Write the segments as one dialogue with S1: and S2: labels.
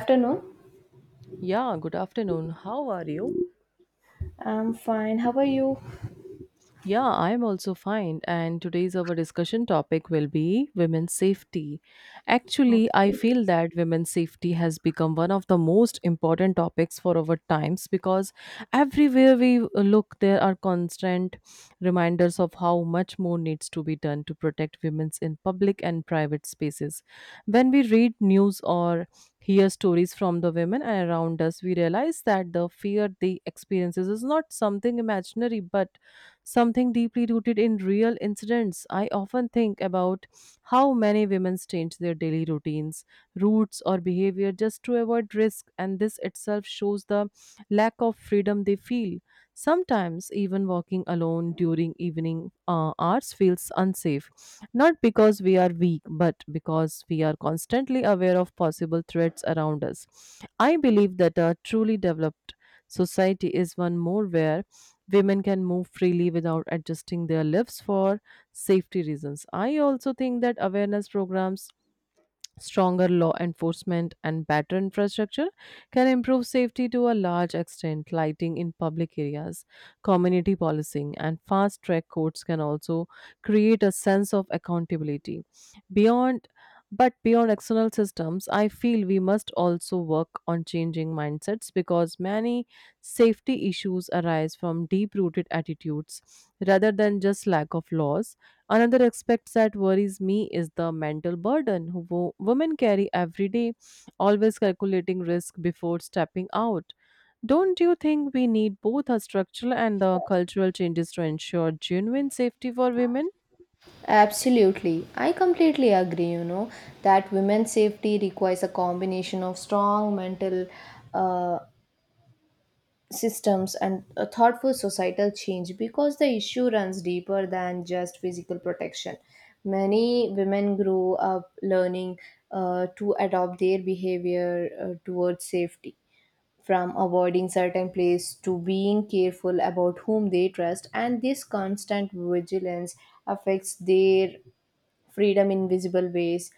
S1: Afternoon.
S2: Yeah, good afternoon. How are you?
S1: I'm fine. How are you?
S2: Yeah, I'm also fine. And today's our discussion topic will be women's safety. Actually, I
S1: Okay.
S2: feel that women's safety has become one of the most important topics for our times because everywhere we look, there are constant reminders of how much more needs to be done to protect women's in public and private spaces. When we read news or hear stories from the women around us, we realize that the fear they experiences is not something imaginary but something deeply rooted in real incidents. I often think about how many women change their daily routines, routes, or behavior just to avoid risk, and this itself shows the lack of freedom they feel. Sometimes, even walking alone during evening hours feels unsafe, not because we are weak, but because we are constantly aware of possible threats around us. I believe that a truly developed society is one more where women can move freely without adjusting their lives for safety reasons. I also think that awareness programs, stronger law enforcement and better infrastructure can improve safety to a large extent. Lighting in public areas, community policing, and fast track courts can also create a sense of accountability. Beyond but beyond external systems, I feel we must also work on changing mindsets because many safety issues arise from deep rooted attitudes rather than just lack of laws. Another aspect that worries me is the mental burden women carry every day, always calculating risk before stepping out. Don't you think we need both a structural and the cultural changes to ensure genuine safety for women?
S1: Absolutely. I completely agree, you know, that women's safety requires a combination of strong mental uh, systems and a thoughtful societal change because the issue runs deeper than just physical protection. Many women grow up learning to adopt their behavior towards safety, from avoiding certain places to being careful about whom they trust, and this constant vigilance affects their freedom in visible ways.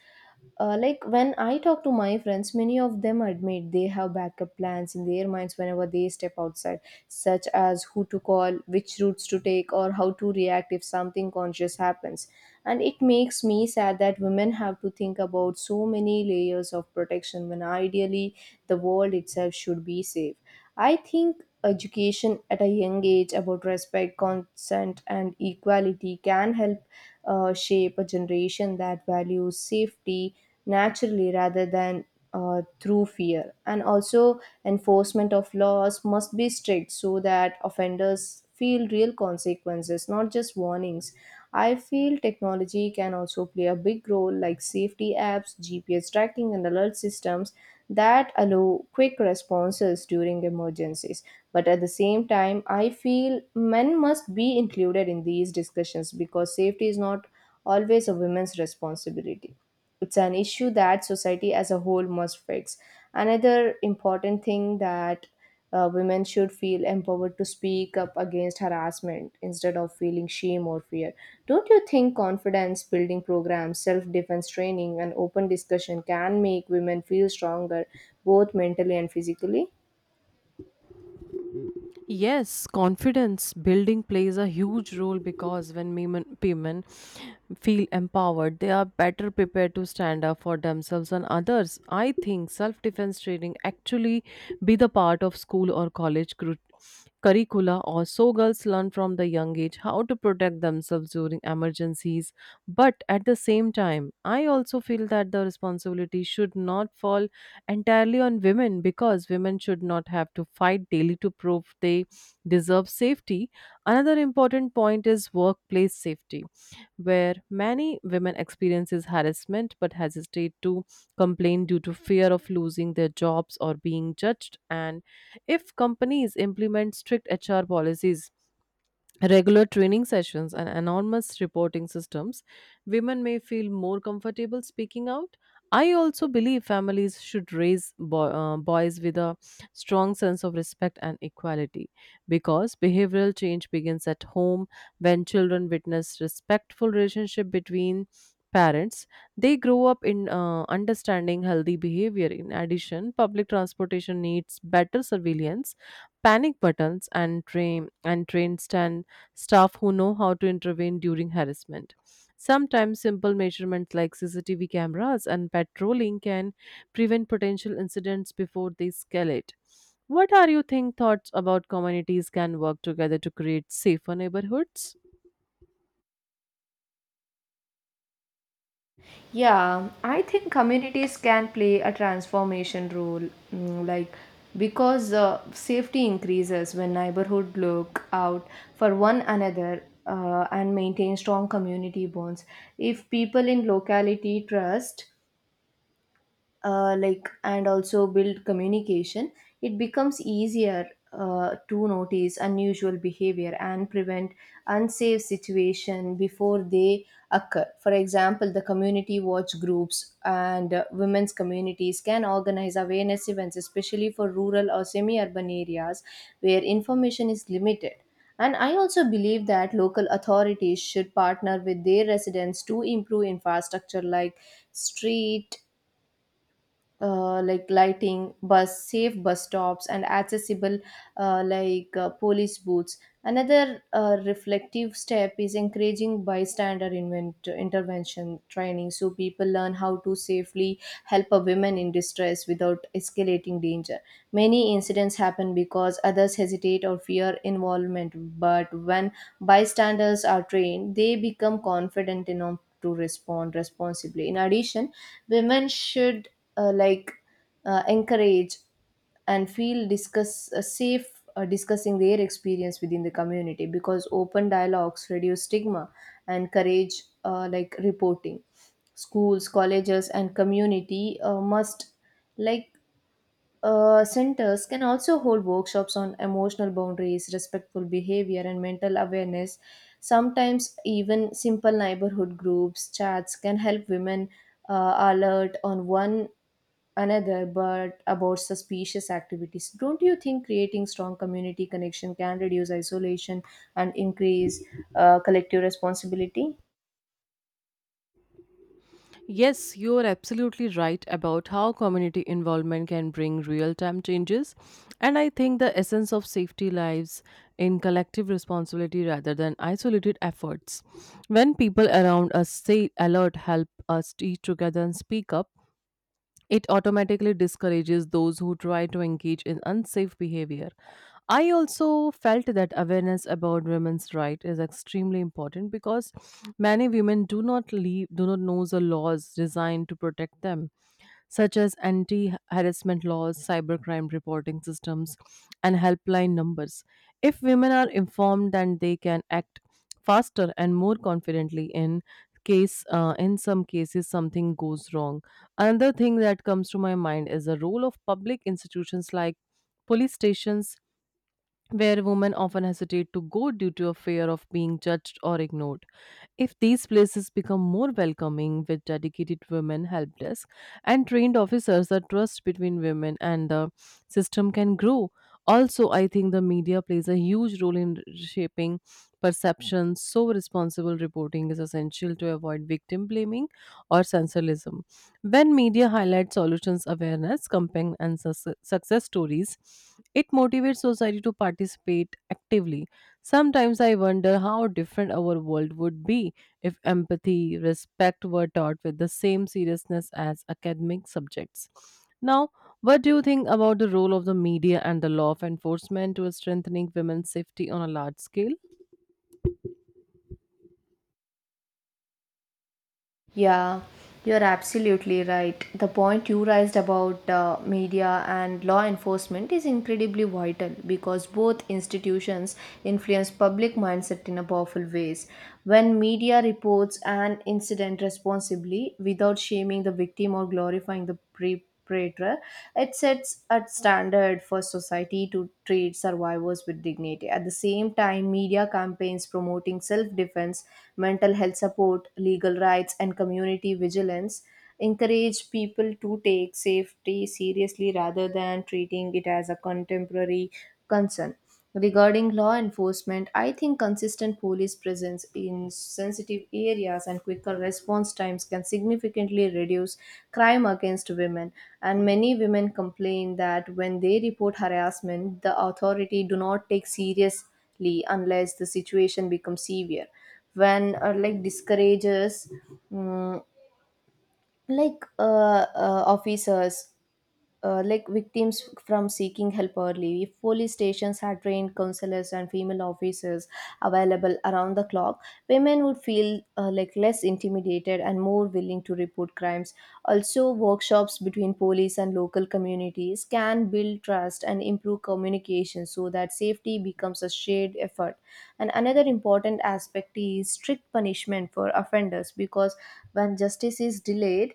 S1: Like when I talk to my friends, many of them admit they have backup plans in their minds whenever they step outside, such as who to call, which routes to take, or how to react if something conscious happens. And it makes me sad that women have to think about so many layers of protection when ideally the world itself should be safe. I think education at a young age about respect, consent, and equality can help shape a generation that values safety naturally rather than through fear. And also, enforcement of laws must be strict so that offenders feel real consequences, not just warnings. I feel technology can also play a big role, like safety apps, GPS tracking, and alert systems that allow quick responses during emergencies. But at the same time, I feel men must be included in these discussions because safety is not always a women's responsibility. It's an issue that society as a whole must fix. Another important thing that women should feel empowered to speak up against harassment instead of feeling shame or fear. Don't you think confidence building programs, self defense training, and open discussion can make women feel stronger both mentally and physically?
S2: Yes, confidence building plays a huge role because when women feel empowered, they are better prepared to stand up for themselves and others. I think self defense training actually be the part of school or college curricula or so girls learn from the young age how to protect themselves during emergencies, but at the same time I also feel that the responsibility should not fall entirely on women because women should not have to fight daily to prove they deserve safety. Another important point is workplace safety, where many women experiences harassment but hesitate to complain due to fear of losing their jobs or being judged. And if companies implement strict HR policies, regular training sessions and anonymous reporting systems, women may feel more comfortable speaking out. I also believe families should raise boys with a strong sense of respect and equality because behavioral change begins at home. When children witness respectful relationship between parents, they grow up in understanding healthy behavior. In addition, public transportation needs better surveillance, panic buttons, and train stand staff who know how to intervene during harassment. Sometimes simple measurements like CCTV cameras and patrolling can prevent potential incidents before they escalate. What are your think thoughts about communities can work together to create safer neighborhoods?
S1: Yeah, I think communities can play a transformation role, mm, like because safety increases when neighborhood look out for one another and maintain strong community bonds. If people in locality trust, and also build communication, it becomes easier to notice unusual behavior and prevent unsafe situation before they occur. For example, the community watch groups and women's communities can organize awareness events especially for rural or semi urban areas where information is limited. And I also believe that local authorities should partner with their residents to improve infrastructure like street lighting, bus safe bus stops, and accessible police booths. Another reflective step is encouraging bystander intervention training, so people learn how to safely help a woman in distress without escalating danger. Many incidents happen because others hesitate or fear involvement, but when bystanders are trained, they become confident enough to respond responsibly. In addition, women should uh, like encourage and feel discuss safe, discussing their experience within the community, because open dialogues reduce stigma and encourage reporting. Schools, colleges, and community must, like centers can also hold workshops on emotional boundaries, respectful behavior, and mental awareness. Sometimes even simple neighborhood groups chats can help women alert on one another but about suspicious activities. Don't you think creating strong community connection can reduce isolation and increase collective responsibility?
S2: Yes, you are absolutely right about how community involvement can bring real time changes. And I think the essence of safety lies in collective responsibility rather than isolated efforts. When people around us say alert, help us eat together and speak up, it automatically discourages those who try to engage in unsafe behavior. I also felt that awareness about women's rights is extremely important because many women do not know the laws designed to protect them, such as anti harassment laws, cybercrime reporting systems, and helpline numbers. If women are informed, then they can act faster and more confidently in case in some cases something goes wrong. Another thing that comes to my mind is the role of public institutions like police stations, where women often hesitate to go due to a fear of being judged or ignored. If these places become more welcoming with dedicated women help desk and trained officers, the trust between women and the system can grow. Also, I think the media plays a huge role in shaping perceptions, so responsible reporting is essential to avoid victim blaming or sensationalism. When media highlights solutions awareness, campaign, and success stories, it motivates society to participate actively. Sometimes I wonder how different our world would be if empathy, respect were taught with the same seriousness as academic subjects. Now, what do you think about the role of the media and the law of enforcement to strengthening women's safety on a large scale?
S1: Yeah, you're absolutely right. The point you raised about media and law enforcement is incredibly vital because both institutions influence public mindset in a powerful ways. When media reports an incident responsibly without shaming the victim or glorifying the perpetrator, it sets a standard for society to treat survivors with dignity. At the same time, media campaigns promoting self defense, mental health support, legal rights, and community vigilance encourage people to take safety seriously rather than treating it as a contemporary concern. Regarding law enforcement, I think consistent police presence in sensitive areas and quicker response times can significantly reduce crime against women. And many women complain that when they report harassment, the authority do not take seriously unless the situation becomes severe. When discourages, mm, like uh, officers victims from seeking help early. If police stations had trained counselors and female officers available around the clock, women would feel less intimidated and more willing to report crimes. Also, workshops between police and local communities can build trust and improve communication so that safety becomes a shared effort. And another important aspect is strict punishment for offenders, because when justice is delayed,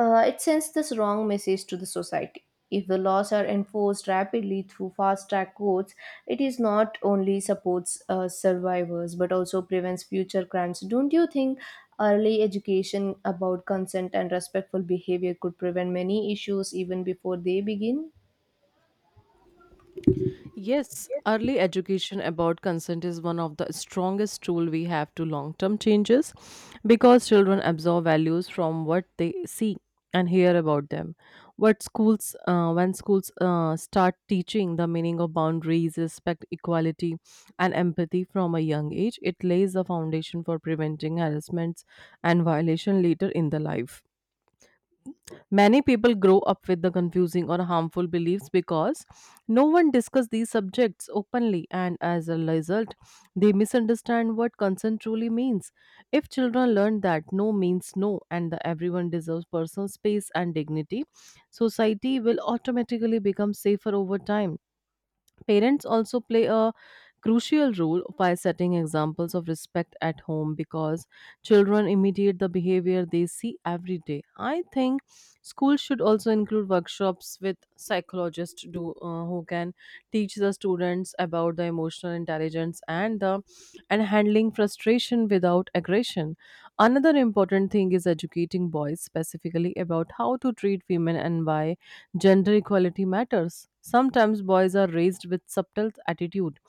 S1: it sends this wrong message to the society. If the laws are enforced rapidly through fast track courts, it is not only supports survivors but also prevents future crimes. Don't you think early education about consent and respectful behavior could prevent many issues even before they begin?
S2: Yes, early education about consent is one of the strongest tool we have to long-term changes because children absorb values from what they see and hear about them. What schools when schools start teaching the meaning of boundaries, respect, equality and empathy from a young age, it lays the foundation for preventing harassments and violation later in the life. Many people grow up with the confusing or harmful beliefs because no one discusses these subjects openly, and as a result, they misunderstand what consent truly means. If children learn that no means no and that everyone deserves personal space and dignity, society will automatically become safer over time. Parents also play a crucial role by setting examples of respect at home because children imitate the behavior they see every day. I think schools should also include workshops with psychologists who can teach the students about the emotional intelligence and the and handling frustration without aggression. Another important thing is educating boys specifically about how to treat women and why gender equality matters. Sometimes boys are raised with subtle attitude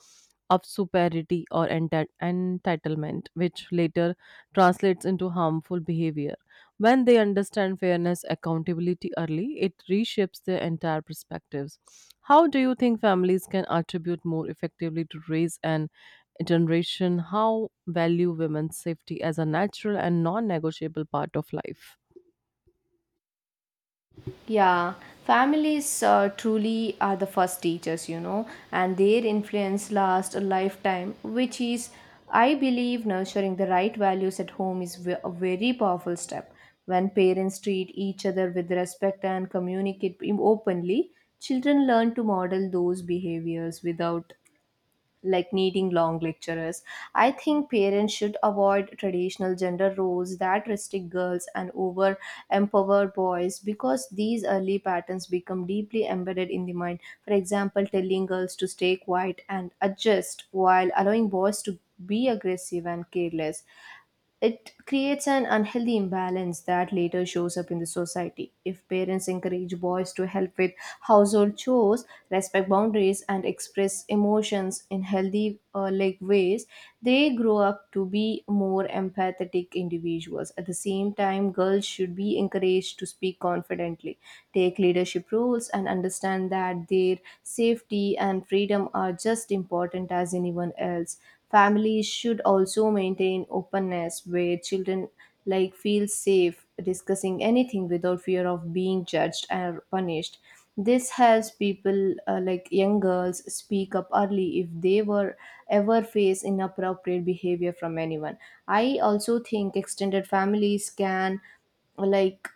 S2: of superiority or entitlement, which later translates into harmful behavior. When they understand fairness accountability early, it reshapes their entire perspectives. How do you think families can attribute more effectively to raise an generation how value women's safety as a natural and non-negotiable part of life?
S1: Yeah, families truly are the first teachers, you know, and their influence lasts a lifetime, which is, I believe, nurturing the right values at home is a very powerful step. When parents treat each other with respect and communicate openly, children learn to model those behaviors without needing long lecturers. I think parents should avoid traditional gender roles that restrict girls and over empower boys, because these early patterns become deeply embedded in the mind. For example, telling girls to stay quiet and adjust while allowing boys to be aggressive and careless. It creates an unhealthy imbalance that later shows up in the society. If parents encourage boys to help with household chores, respect boundaries, and express emotions in healthy ways, they grow up to be more empathetic individuals. At the same time, girls should be encouraged to speak confidently, take leadership roles, and understand that their safety and freedom are just important as anyone else. Families should also maintain openness where children feel safe discussing anything without fear of being judged or punished. This helps people, young girls, speak up early if they were ever face inappropriate behavior from anyone. I also think extended families can like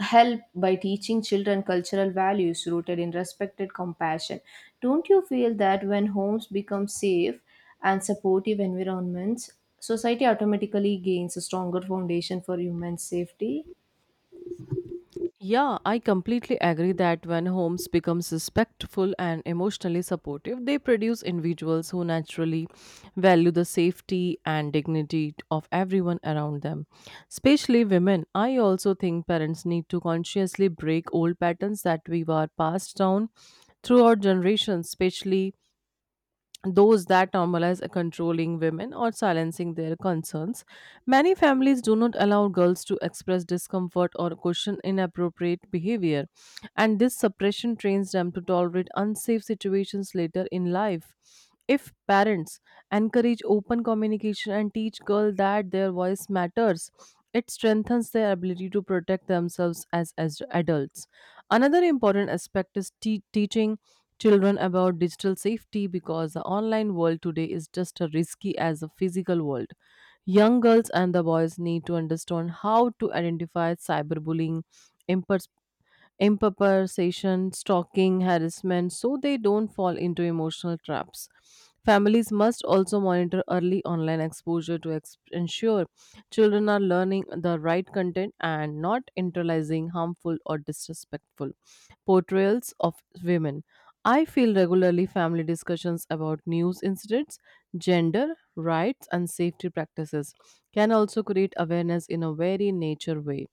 S1: help by teaching children cultural values rooted in respect and compassion. Don't you feel that when homes become safe and supportive environments, society automatically gains a stronger foundation for human safety?
S2: Yeah, I completely agree that when homes becomes respectful and emotionally supportive, they produce individuals who naturally value the safety and dignity of everyone around them. Especially women, I also think parents need to consciously break old patterns that we were passed down throughout generations, especially those that normalize a controlling women or silencing their concerns. Many families do not allow girls to express discomfort or question inappropriate behavior, and this suppression trains them to tolerate unsafe situations later in life. If parents encourage open communication and teach girls that their voice matters, it strengthens their ability to protect themselves as adults. Another important aspect is teaching children about digital safety because the online world today is just as risky as the physical world. Young girls and the boys need to understand how to identify cyberbullying, impers- impersonation, stalking, harassment, so they don't fall into emotional traps. Families must also monitor early online exposure to ensure children are learning the right content and not internalizing harmful or disrespectful portrayals of women. I feel regularly family discussions about news incidents, gender, rights, and safety practices can also create awareness in a very nature way.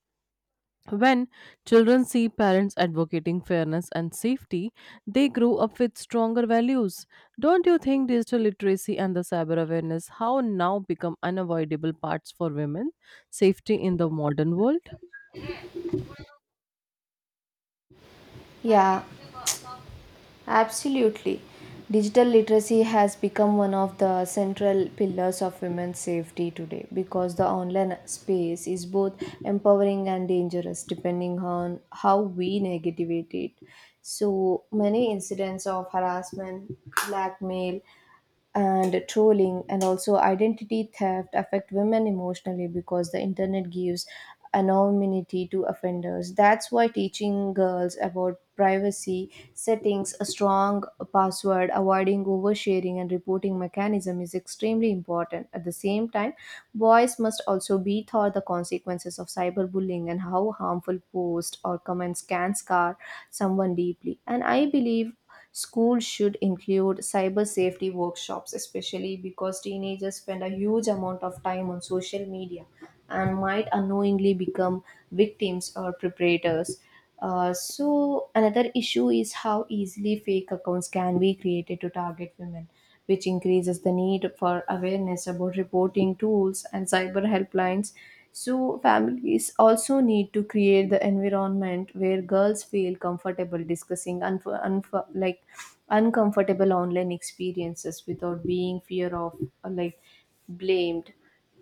S2: When children see parents advocating fairness and safety, they grow up with stronger values. Don't you think digital literacy and the cyber awareness how now become unavoidable parts for women safety in the modern world?
S1: Yeah, absolutely. Digital literacy has become one of the central pillars of women's safety today because the online space is both empowering and dangerous depending on how we navigate it. So many incidents of harassment, blackmail, and trolling and also identity theft affect women emotionally because the internet gives anonymity to offenders. That's why teaching girls about privacy settings, a strong password, avoiding oversharing, and reporting mechanism is extremely important. At the same time, boys must also be taught the consequences of cyberbullying and how harmful posts or comments can scar someone deeply. And I believe schools should include cyber safety workshops, especially because teenagers spend a huge amount of time on social media and might unknowingly become victims or preparators. Another issue is how easily fake accounts can be created to target women, which increases the need for awareness about reporting tools and cyber helplines. So, families also need to create the environment where girls feel comfortable discussing uncomfortable online experiences without being fear of uh, like blamed.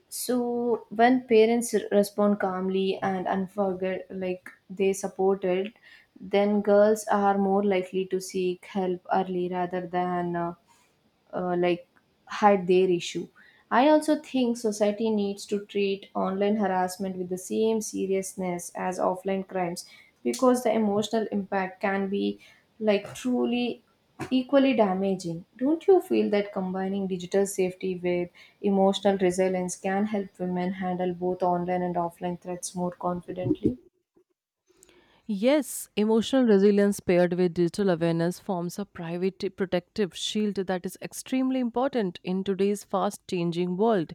S1: So when parents respond calmly and unforget like they supported, then girls are more likely to seek help early rather than uh, like hide their issue. I also think society needs to treat online harassment with the same seriousness as offline crimes because the emotional impact can be truly equally damaging. Don't you feel that combining digital safety with emotional resilience can help women handle both online and offline threats more confidently?
S2: Yes, emotional resilience paired with digital awareness forms a private protective shield that is extremely important in today's fast changing world.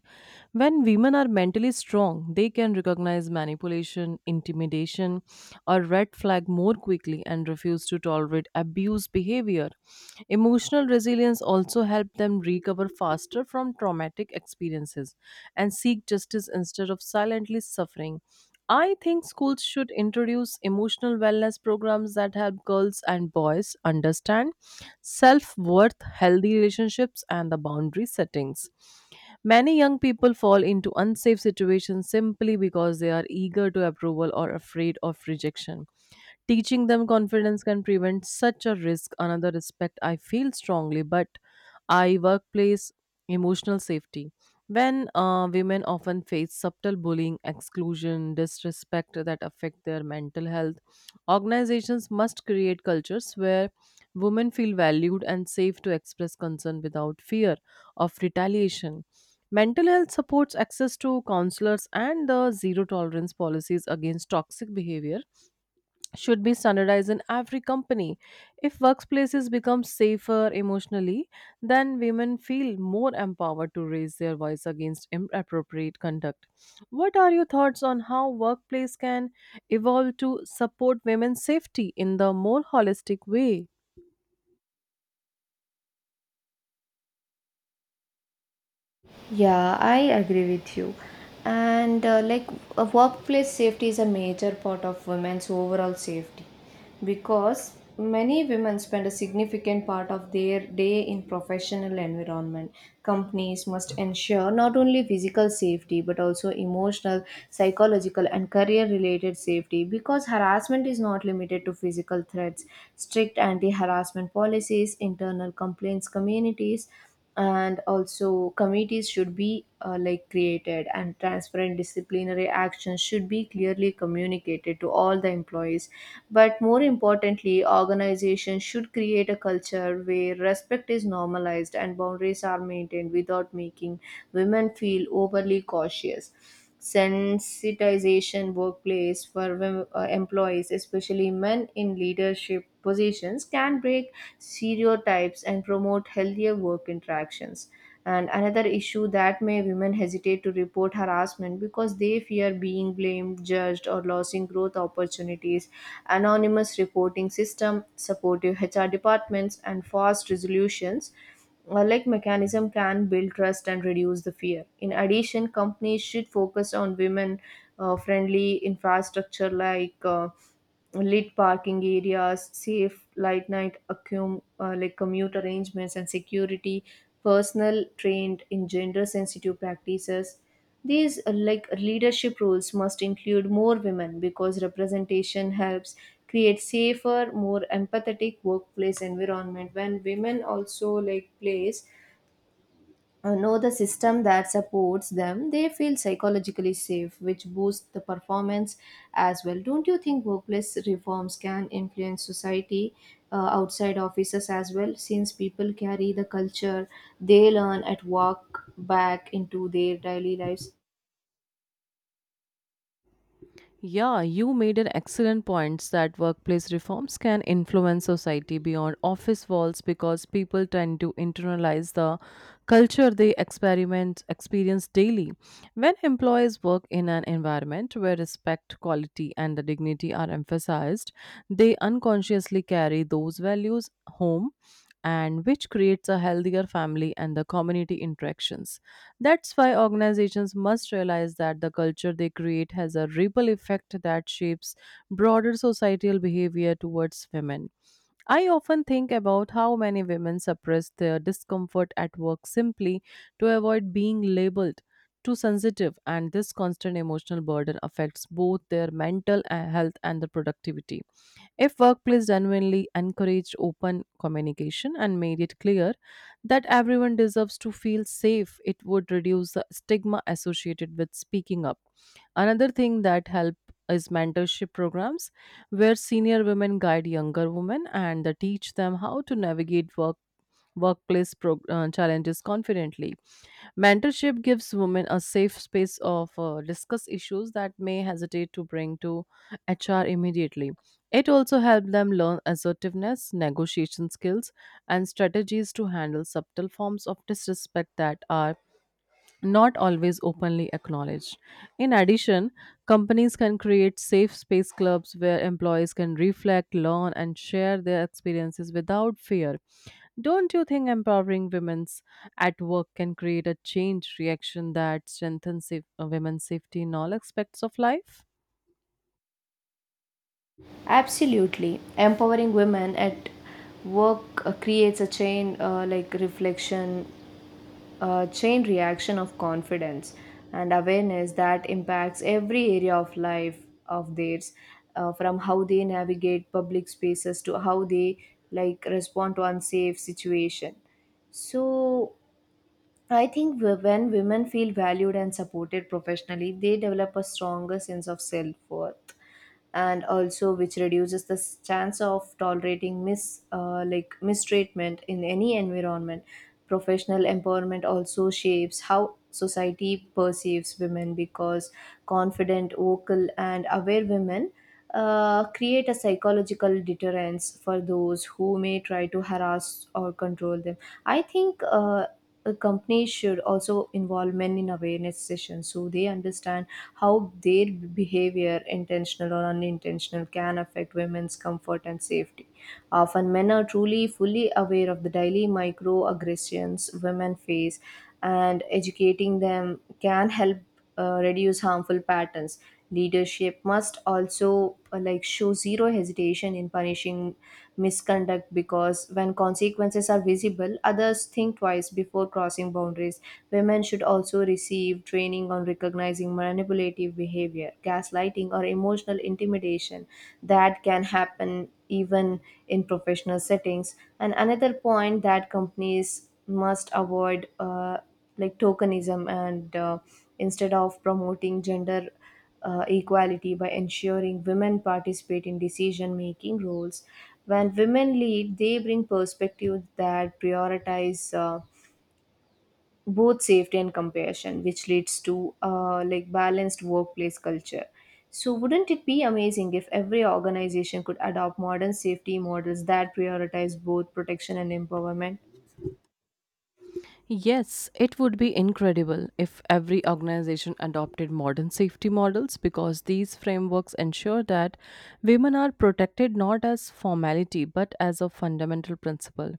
S2: When women are mentally strong, they can recognize manipulation, intimidation, or red flag more quickly and refuse to tolerate abuse behavior. Emotional resilience also helps them recover faster from traumatic experiences and seek justice instead of silently suffering. I think schools should introduce emotional wellness programs that help girls and boys understand self worth, healthy relationships, and the boundary settings. Many young people fall into unsafe situations simply because they are eager to approval or afraid of rejection. Teaching them confidence can prevent such a risk. Another respect I feel strongly, but I workplace emotional safety. When Women often face subtle bullying, exclusion, disrespect that affect their mental health. Organizations must create cultures where women feel valued and safe to express concern without fear of retaliation. Mental health supports access to counselors and the zero tolerance policies against toxic behavior should be standardized in every company. If workplaces become safer emotionally, then women feel more empowered to raise their voice against inappropriate conduct. What are your thoughts on how workplace can evolve to support women's safety in the more holistic way?
S1: Yeah, I agree with you. And workplace safety is a major part of women's overall safety because many women spend a significant part of their day in professional environment. Companies must ensure not only physical safety but also emotional, psychological, and career related safety because harassment is not limited to physical threats. Strict anti-harassment policies, internal complaints communities and also committees should be created, and transparent disciplinary actions should be clearly communicated to all the employees. But more importantly, organizations should create a culture where respect is normalized and boundaries are maintained without making women feel overly cautious. Sensitization workplace for employees, especially men in leadership positions, can break stereotypes and promote healthier work interactions. And another issue that may women hesitate to report harassment because they fear being blamed, judged, or losing growth opportunities. Anonymous reporting system, supportive HR departments, and fast resolutions mechanism can build trust and reduce the fear. In addition, companies should focus on women friendly infrastructure, like lit parking areas, safe light night commute arrangements, and security, personal trained in gender sensitive practices. These leadership roles must include more women, because representation helps create safer, more empathetic workplace environment. When women also plays know the system that supports them, they feel psychologically safe, which boosts the performance as well. Don't you think workplace reforms can influence society outside offices as well? Since people carry the culture they learn at work back into their daily lives.
S2: Yeah, you made an excellent point that workplace reforms can influence society beyond office walls because people tend to internalize the culture they experiment experience daily. When employees work in an environment where respect, quality, and the dignity are emphasized, they unconsciously carry those values home, and which creates a healthier family and the community interactions. That's why organizations must realize that the culture they create has a ripple effect that shapes broader societal behavior towards women. I often think about how many women suppress their discomfort at work simply to avoid being labeled too sensitive, and this constant emotional burden affects both their mental health and the productivity. If workplace genuinely encouraged open communication and made it clear that everyone deserves to feel safe, it would reduce the stigma associated with speaking up. Another thing that help is mentorship programs where senior women guide younger women and they teach them how to navigate workplace challenges confidently. Mentorship gives women a safe space of discuss issues that may hesitate to bring to HR immediately. It also helps them learn assertiveness, negotiation skills, and strategies to handle subtle forms of disrespect that are not always openly acknowledged. In addition, companies can create safe space clubs where employees can reflect, learn, and share their experiences without fear. Don't you think empowering women's at work can create a change reaction that strengthens women's safety in all aspects of life?
S1: Absolutely. Empowering women at work creates a chain like reflection a chain reaction of confidence and awareness that impacts every area of life of theirs, from how they navigate public spaces to how they like respond to unsafe situation. So I think when women feel valued and supported professionally, they develop a stronger sense of self-worth, and also which reduces the chance of tolerating mistreatment in any environment. Professional empowerment also shapes how society perceives women because confident, vocal and aware women create a psychological deterrence for those who may try to harass or control them. I think a company should also involve men in awareness sessions so they understand how their behavior, intentional or unintentional, can affect women's comfort and safety. Often, men are truly fully aware of the daily microaggressions women face, and educating them can help reduce harmful patterns. Leadership must also show zero hesitation in punishing misconduct because when consequences are visible, others think twice before crossing boundaries. Women should also receive training on recognizing manipulative behavior, gaslighting, or emotional intimidation that can happen even in professional settings. And another point that companies must avoid. Tokenism and instead of promoting gender equality by ensuring women participate in decision making roles. When women lead, they bring perspectives that prioritize both safety and compassion, which leads to balanced workplace culture. So, wouldn't it be amazing if every organization could adopt modern safety models that prioritize both protection and empowerment?
S2: Yes, it would be incredible if every organization adopted modern safety models because these frameworks ensure that women are protected not as formality but as a fundamental principle.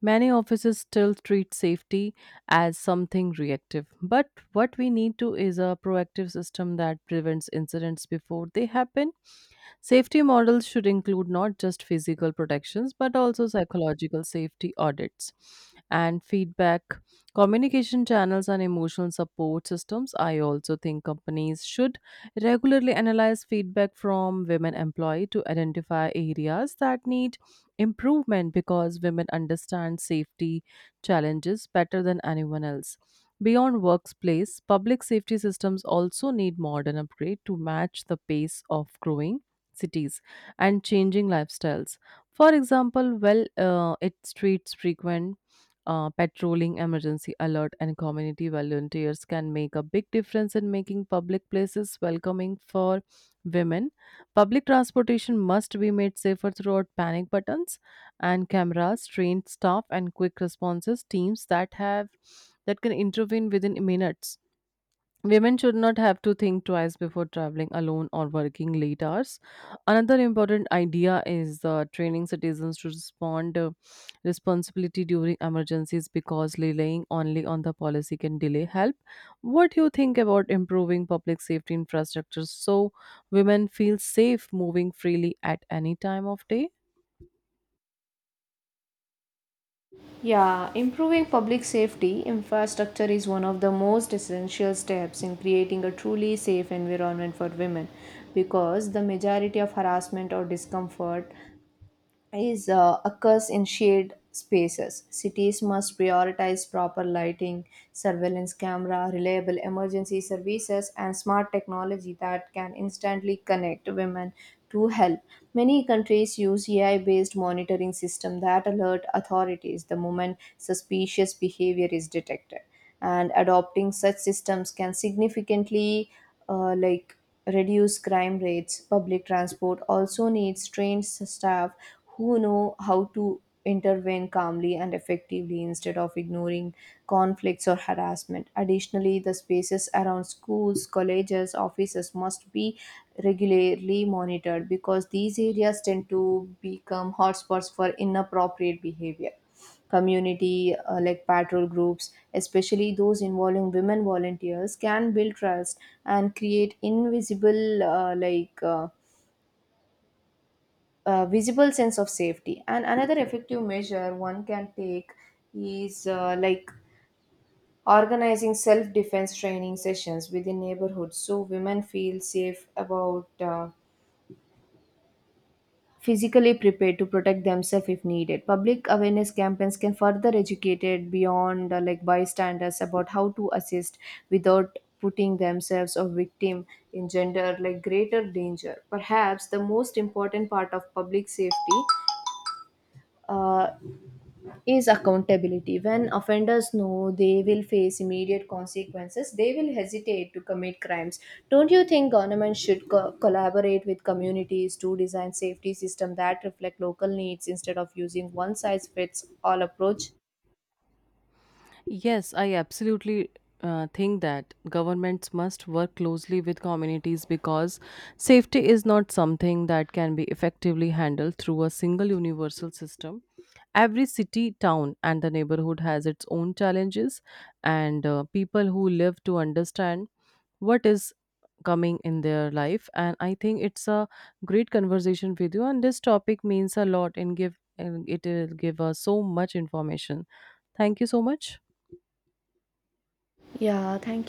S2: Many offices still treat safety as something reactive, but what we need to is a proactive system that prevents incidents before they happen. Safety models should include not just physical protections but also psychological safety audits and feedback, communication channels, and emotional support systems. I also think companies should regularly analyze feedback from women employees to identify areas that need improvement because women understand safety challenges better than anyone else. Beyond workplace, public safety systems also need modern upgrade to match the pace of growing cities and changing lifestyles. For example, well, it streets frequent patrolling, emergency alert, and community volunteers can make a big difference in making public places welcoming for women. Public transportation must be made safer throughout panic buttons and cameras, trained staff, and quick responses teams that can intervene within minutes. Women should not have to think twice before traveling alone or working late hours. Another important idea is training citizens to respond responsibility during emergencies because relying only on the policy can delay help. What do you think about improving public safety infrastructure so women feel safe moving freely at any time of day?
S1: Yeah, improving public safety infrastructure is one of the most essential steps in creating a truly safe environment for women because the majority of harassment or discomfort is, occurs in shared spaces. Cities must prioritize proper lighting, surveillance camera, reliable emergency services, and smart technology that can instantly connect women to help. Many countries use AI-based monitoring system that alert authorities the moment suspicious behavior is detected. And adopting such systems can significantly uh, like reduce crime rates. Public transport also needs trained staff who know how to intervene calmly and effectively instead of ignoring conflicts or harassment. Additionally, the spaces around schools, colleges, offices must be regularly monitored because these areas tend to become hotspots for inappropriate behavior. Community patrol groups, especially those involving women volunteers, can build trust and create invisible like visible sense of safety. And another effective measure one can take is organizing self defense training sessions within neighborhoods so women feel safe about. Physically prepared to protect themselves if needed, public awareness campaigns can further educate it beyond bystanders about how to assist without putting themselves or victim in gender like greater danger. Perhaps the most important part of public safety uh, is accountability. When offenders know they will face immediate consequences, they will hesitate to commit crimes. Don't you think government should collaborate with communities to design safety systems that reflect local needs instead of using one size fits all approach?
S2: Yes, I absolutely think that governments must work closely with communities because safety is not something that can be effectively handled through a single universal system. Every city, town, and the neighborhood has its own challenges, and people who live to understand what is coming in their life. And I think it's a great conversation with you, and this topic means a lot and give and it will give us so much information. Thank you so much.
S1: Yeah, thank you.